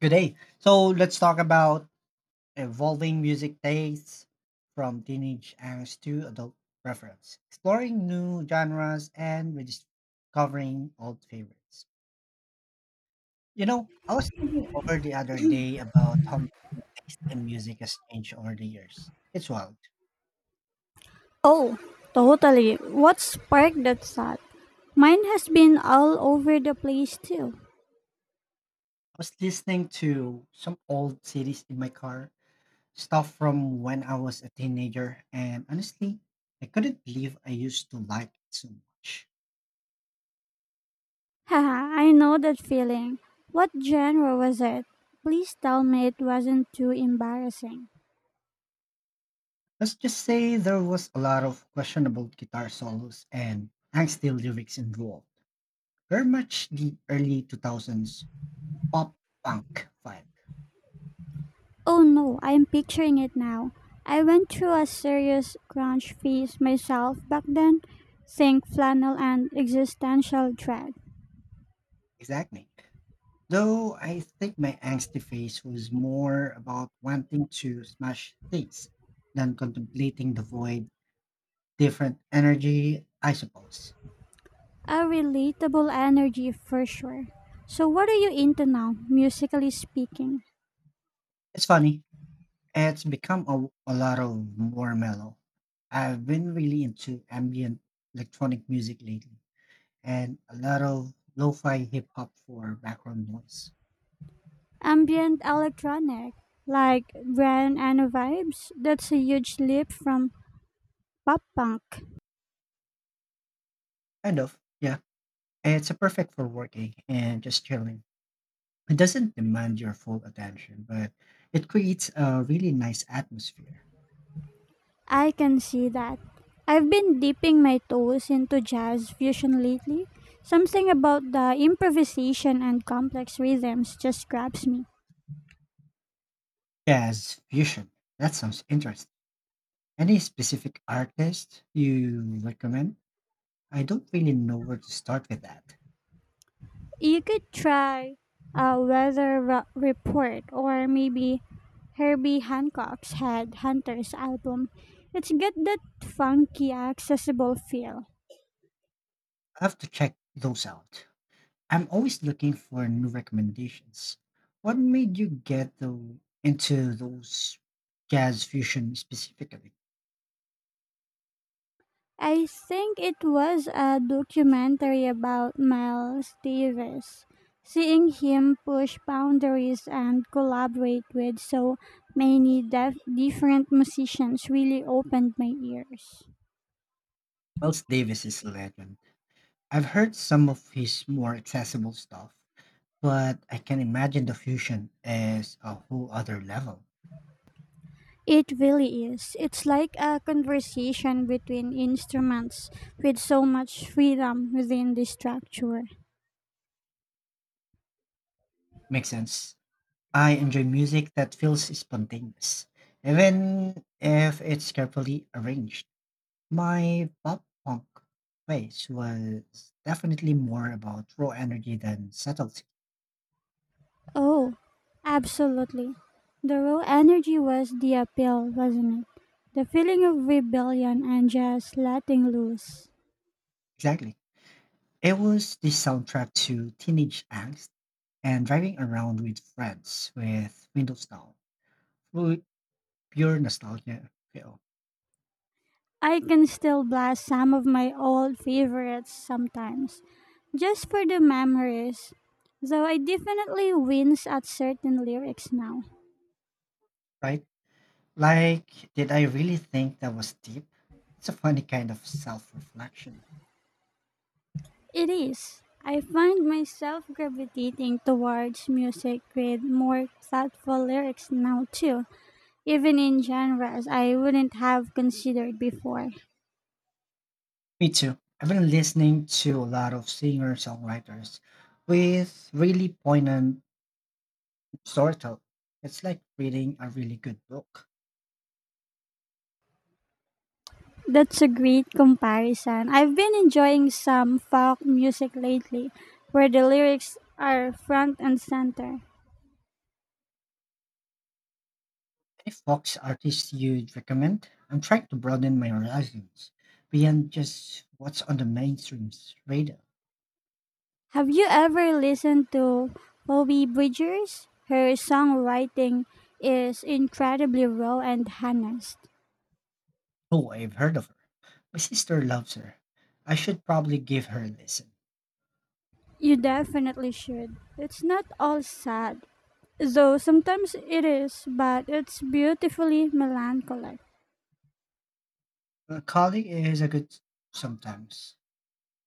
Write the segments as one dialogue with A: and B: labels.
A: Today. So let's talk about evolving music tastes from teenage angst to adult preference, exploring new genres and rediscovering old favorites. You know, I was thinking over the other day about how much my taste in music has changed over the years. It's wild.
B: Oh, totally. What sparked that thought? Mine has been all over the place too.
A: I was listening to some old CDs in my car, stuff from when I was a teenager, and honestly, I couldn't believe I used to like it so much.
B: Haha, I know that feeling. What genre was it? Please tell me it wasn't too embarrassing.
A: Let's just say there was a lot of questionable guitar solos and angsty lyrics involved. Very much the early 2000s pop punk vibe.
B: Oh no, I'm picturing it now. I went through a serious grunge phase myself back then. Think flannel and existential dread.
A: Exactly. Though I think my angsty phase was more about wanting to smash things than contemplating the void. Different energy, I suppose.
B: A relatable energy for sure. So what are you into now, musically speaking?
A: It's funny. It's become a lot of more mellow. I've been really into ambient electronic music lately and a lot of lo-fi hip hop for background noise.
B: Ambient electronic, like Brian and vibes, that's a huge leap from pop punk.
A: Kind of, yeah. It's a perfect for working and just chilling. It doesn't demand your full attention, but it creates a really nice atmosphere.
B: I can see that. I've been dipping my toes into jazz fusion lately. Something about the improvisation and complex rhythms just grabs me.
A: Jazz fusion. That sounds interesting. Any specific artist you recommend? I don't really know where to start with that.
B: You could try a report, or maybe Herbie Hancock's Head Hunters album. It's got that funky, accessible feel.
A: I have to check those out. I'm always looking for new recommendations. What made you get into those jazz fusion specifically?
B: I think it was a documentary about Miles Davis. Seeing him push boundaries and collaborate with so many different musicians really opened my ears.
A: Miles Davis is a legend. I've heard some of his more accessible stuff, but I can imagine the fusion as a whole other level.
B: It really is. It's like a conversation between instruments with so much freedom within the structure.
A: Makes sense. I enjoy music that feels spontaneous, even if it's carefully arranged. My pop punk phase was definitely more about raw energy than subtlety.
B: Oh, absolutely. The raw energy was the appeal, wasn't it? The feeling of rebellion and just letting loose.
A: Exactly. It was the soundtrack to teenage angst and driving around with friends with windows down. Pu- Pure nostalgia feel,
B: I can still blast some of my old favorites sometimes, just for the memories. Though I definitely wince at certain lyrics now.
A: right? Like, did I really think that was deep? It's a funny kind of self reflection.
B: It is. I find myself gravitating towards music with more thoughtful lyrics now too, even in genres I wouldn't have considered before.
A: Me too. I've been listening to a lot of singer songwriters with really poignant storytelling. It's like reading a really good book.
B: That's a great comparison. I've been enjoying some folk music lately where the lyrics are front and center.
A: Any Fox artists you'd recommend? I'm trying to broaden my horizons beyond just what's on the mainstream's radar.
B: Have you ever listened to Phoebe Bridgers? Her songwriting is incredibly raw and honest.
A: Oh, I've heard of her. My sister loves her. I should probably give her a listen.
B: You definitely should. It's not all sad, though sometimes it is, but it's beautifully melancholic.
A: Calling is a good sometimes.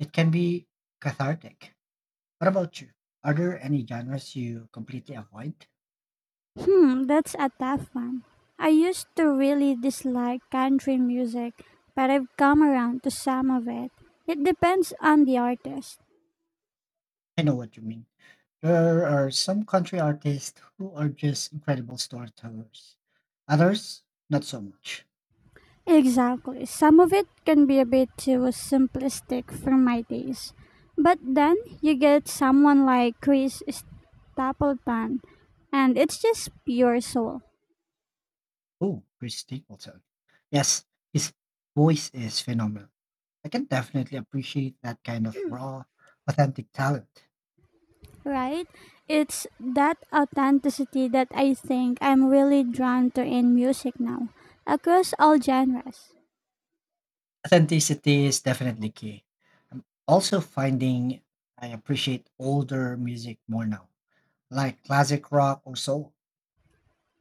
A: It can be cathartic. What about you? Are there any genres you completely avoid?
B: That's a tough one. I used to really dislike country music, but I've come around to some of it. It depends on the artist.
A: I know what you mean. There are some country artists who are just incredible storytellers. Others, not so much.
B: Exactly. Some of it can be a bit too simplistic for my taste. But then you get someone like Chris Stapleton, and it's just pure soul,
A: Oh, Chris Stapleton. Yes, his voice is phenomenal. I can definitely appreciate that kind of raw, authentic talent.
B: right? It's that authenticity that I think I'm really drawn to in music now, across all genres.
A: Authenticity is definitely key. I'm also finding I appreciate older music more now, like classic rock or soul.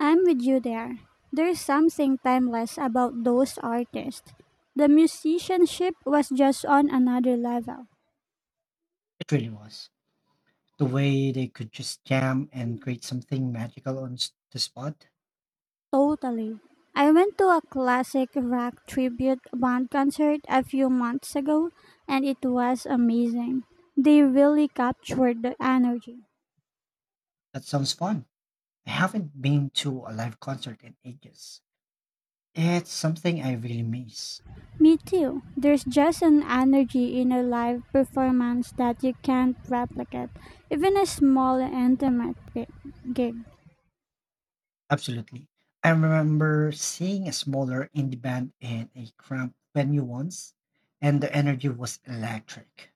B: I'm with you there. There's something timeless about those artists. The musicianship was just on another level.
A: It really was. The way they could just jam and create something magical the spot.
B: Totally. I went to a classic rock tribute band concert a few months ago and it was amazing. They really captured the energy.
A: That sounds fun. I haven't been to a live concert in ages. It's something I really miss.
B: Me too. There's just an energy in a live performance that you can't replicate, even a small intimate gig.
A: Absolutely. I remember seeing a smaller indie band in a cramped venue once, and the energy was electric.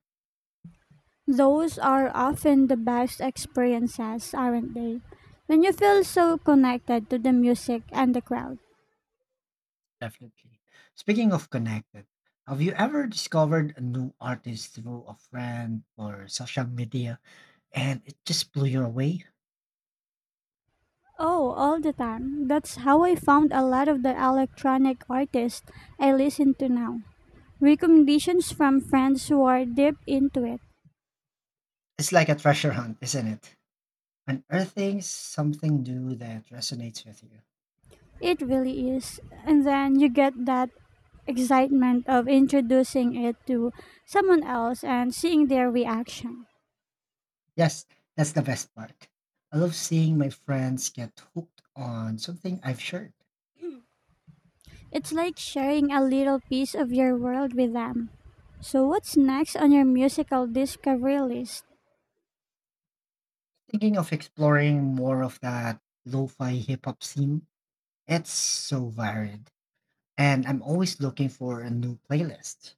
B: Those are often the best experiences, aren't they? When you feel so connected to the music and the crowd.
A: Definitely. Speaking of connected, have you ever discovered a new artist through a friend or social media and it just blew you away?
B: Oh, all the time. That's how I found a lot of the electronic artists I listen to now. Recommendations from friends who are deep into it.
A: It's like a treasure hunt, isn't it? Unearthing something new that resonates with you.
B: It really is. And then you get that excitement of introducing it to someone else and seeing their reaction.
A: Yes, that's the best part. I love seeing my friends get hooked on something I've shared.
B: It's like sharing a little piece of your world with them. So, what's next on your musical discovery list?
A: Thinking of exploring more of that lo fi hip hop scene, it's so varied. And I'm always looking for a new playlist.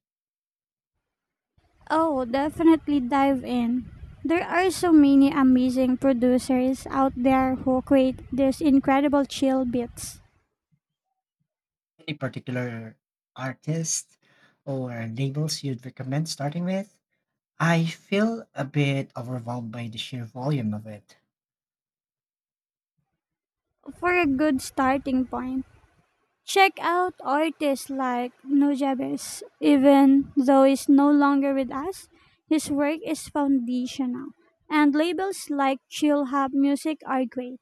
B: Oh, definitely dive in. There are so many amazing producers out there who create these incredible chill beats.
A: Any particular artist or labels you'd recommend starting with? I feel a bit overwhelmed by the sheer volume of it.
B: For a good starting point, check out artists like Nujabes. Even though he's no longer with us, his work is foundational, and labels like Chill Hop Music are great.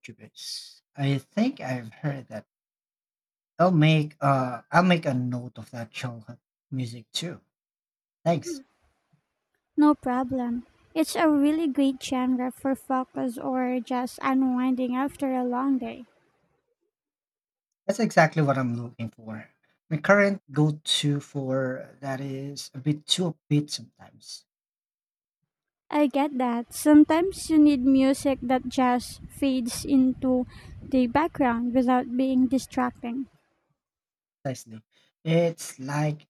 A: Jupits. I think I've heard that. I'll make I'll make a note of that childhood music too. Thanks.
B: No problem. It's a really great genre for focus or just unwinding after a long day.
A: That's exactly what I'm looking for. My current go-to for that is a bit too upbeat sometimes.
B: I get that. Sometimes you need music that just fades into the background without being distracting.
A: Precisely. It's like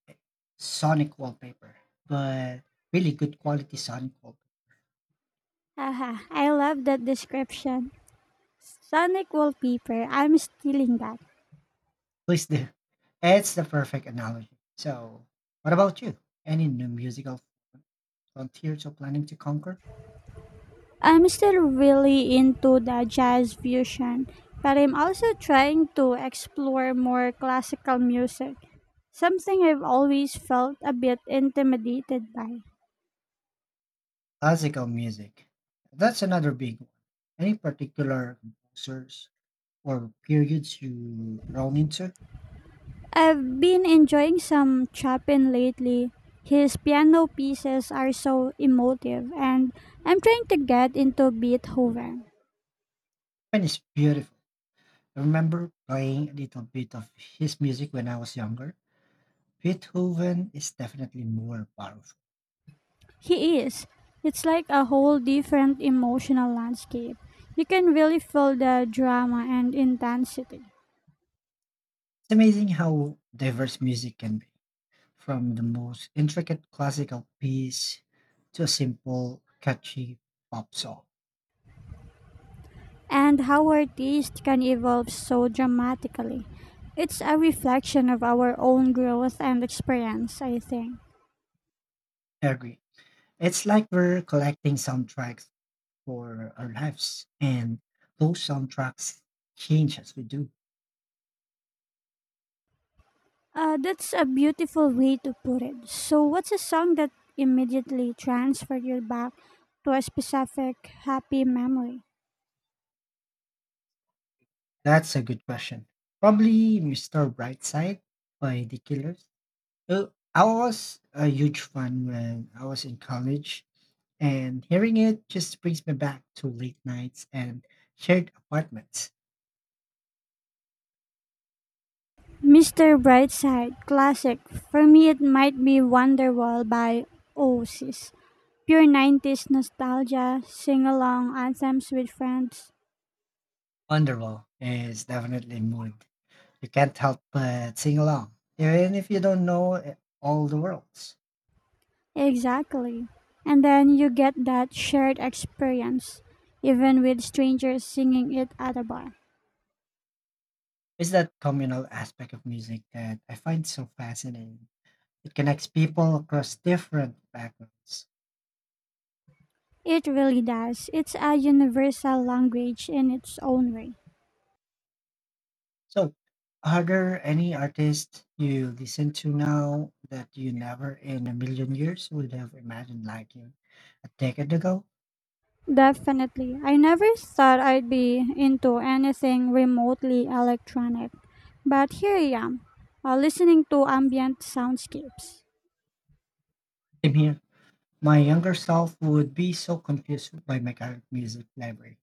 A: sonic wallpaper, but really good quality sonic wallpaper.
B: Haha, I love that description. Sonic wallpaper, I'm stealing that.
A: Please do. It's the perfect analogy. So, what about you? Any new musical frontiers you're planning to conquer?
B: I'm still really into the jazz fusion, but I'm also trying to explore more classical music, something I've always felt a bit intimidated by.
A: Classical music. That's another big one. Any particular composers or periods you run into?
B: I've been enjoying some Chopin lately. His piano pieces are so emotive, and I'm trying to get into Beethoven.
A: Spanish beautiful. I remember playing a little bit of his music when I was younger. Beethoven is definitely more powerful.
B: He is. It's like a whole different emotional landscape. You can really feel the drama and intensity.
A: It's amazing how diverse music can be, from the most intricate classical piece to a simple, catchy pop song.
B: And how our taste can evolve so dramatically. It's a reflection of our own growth and experience, I think.
A: I agree. It's like we're collecting soundtracks for our lives, and those soundtracks change as we do.
B: That's a beautiful way to put it. So, what's a song that immediately transferred you back to a specific happy memory?
A: That's a good question. Probably Mr. Brightside by The Killers. Well, I was a huge fan when I was in college, and hearing it just brings me back to late nights and shared apartments.
B: Mr. Brightside, classic. For me, it might be Wonderwall by Oasis. Pure 90s nostalgia, sing along anthems with friends.
A: Wonderwall is definitely a mood. You can't help but sing along, even if you don't know all the words.
B: Exactly. And then you get that shared experience, even with strangers singing it at a bar.
A: It's that communal aspect of music that I find so fascinating. It connects people across different backgrounds.
B: It really does. It's a universal language in its own way.
A: So, are there any artists you listen to now that you never in a million years would have imagined liking a decade ago?
B: Definitely. I never thought I'd be into anything remotely electronic, but here I am, listening to ambient soundscapes.
A: I mean, my younger self would be so confused by my current music library.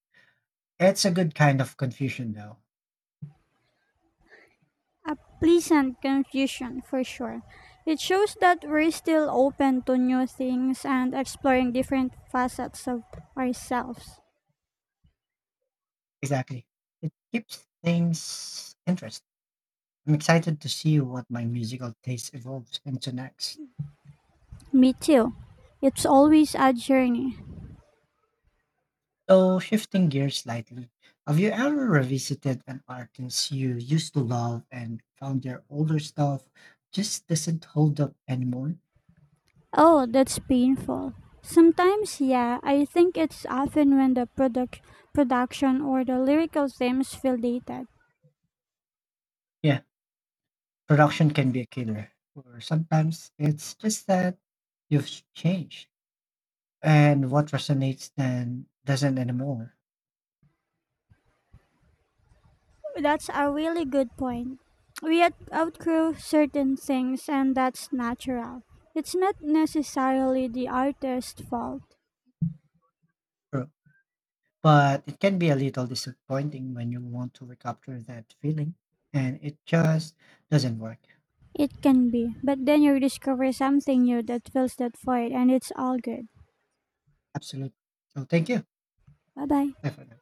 A: It's a good kind of confusion, though.
B: A pleasant confusion for sure. It shows that we're still open to new things and exploring different facets of ourselves.
A: Exactly. It keeps things interesting. I'm excited to see what my musical taste evolves into next.
B: Me too. It's always a journey.
A: So, shifting gears slightly, have you ever revisited an artist you used to love and found their older stuff just doesn't hold up anymore?
B: Oh, that's painful. Sometimes, yeah, I think it's often when the production or the lyrical themes feel dated.
A: Yeah, production can be a killer, or sometimes it's just that you've changed and what resonates then doesn't anymore.
B: That's a really good point. We outgrow certain things, and that's natural. It's not necessarily the artist's fault.
A: True. But it can be a little disappointing when you want to recapture that feeling and it just doesn't work.
B: It can be, but then you discover something new that fills that void and it's all good.
A: Absolutely. So, thank you.
B: Bye bye.
A: Bye for now.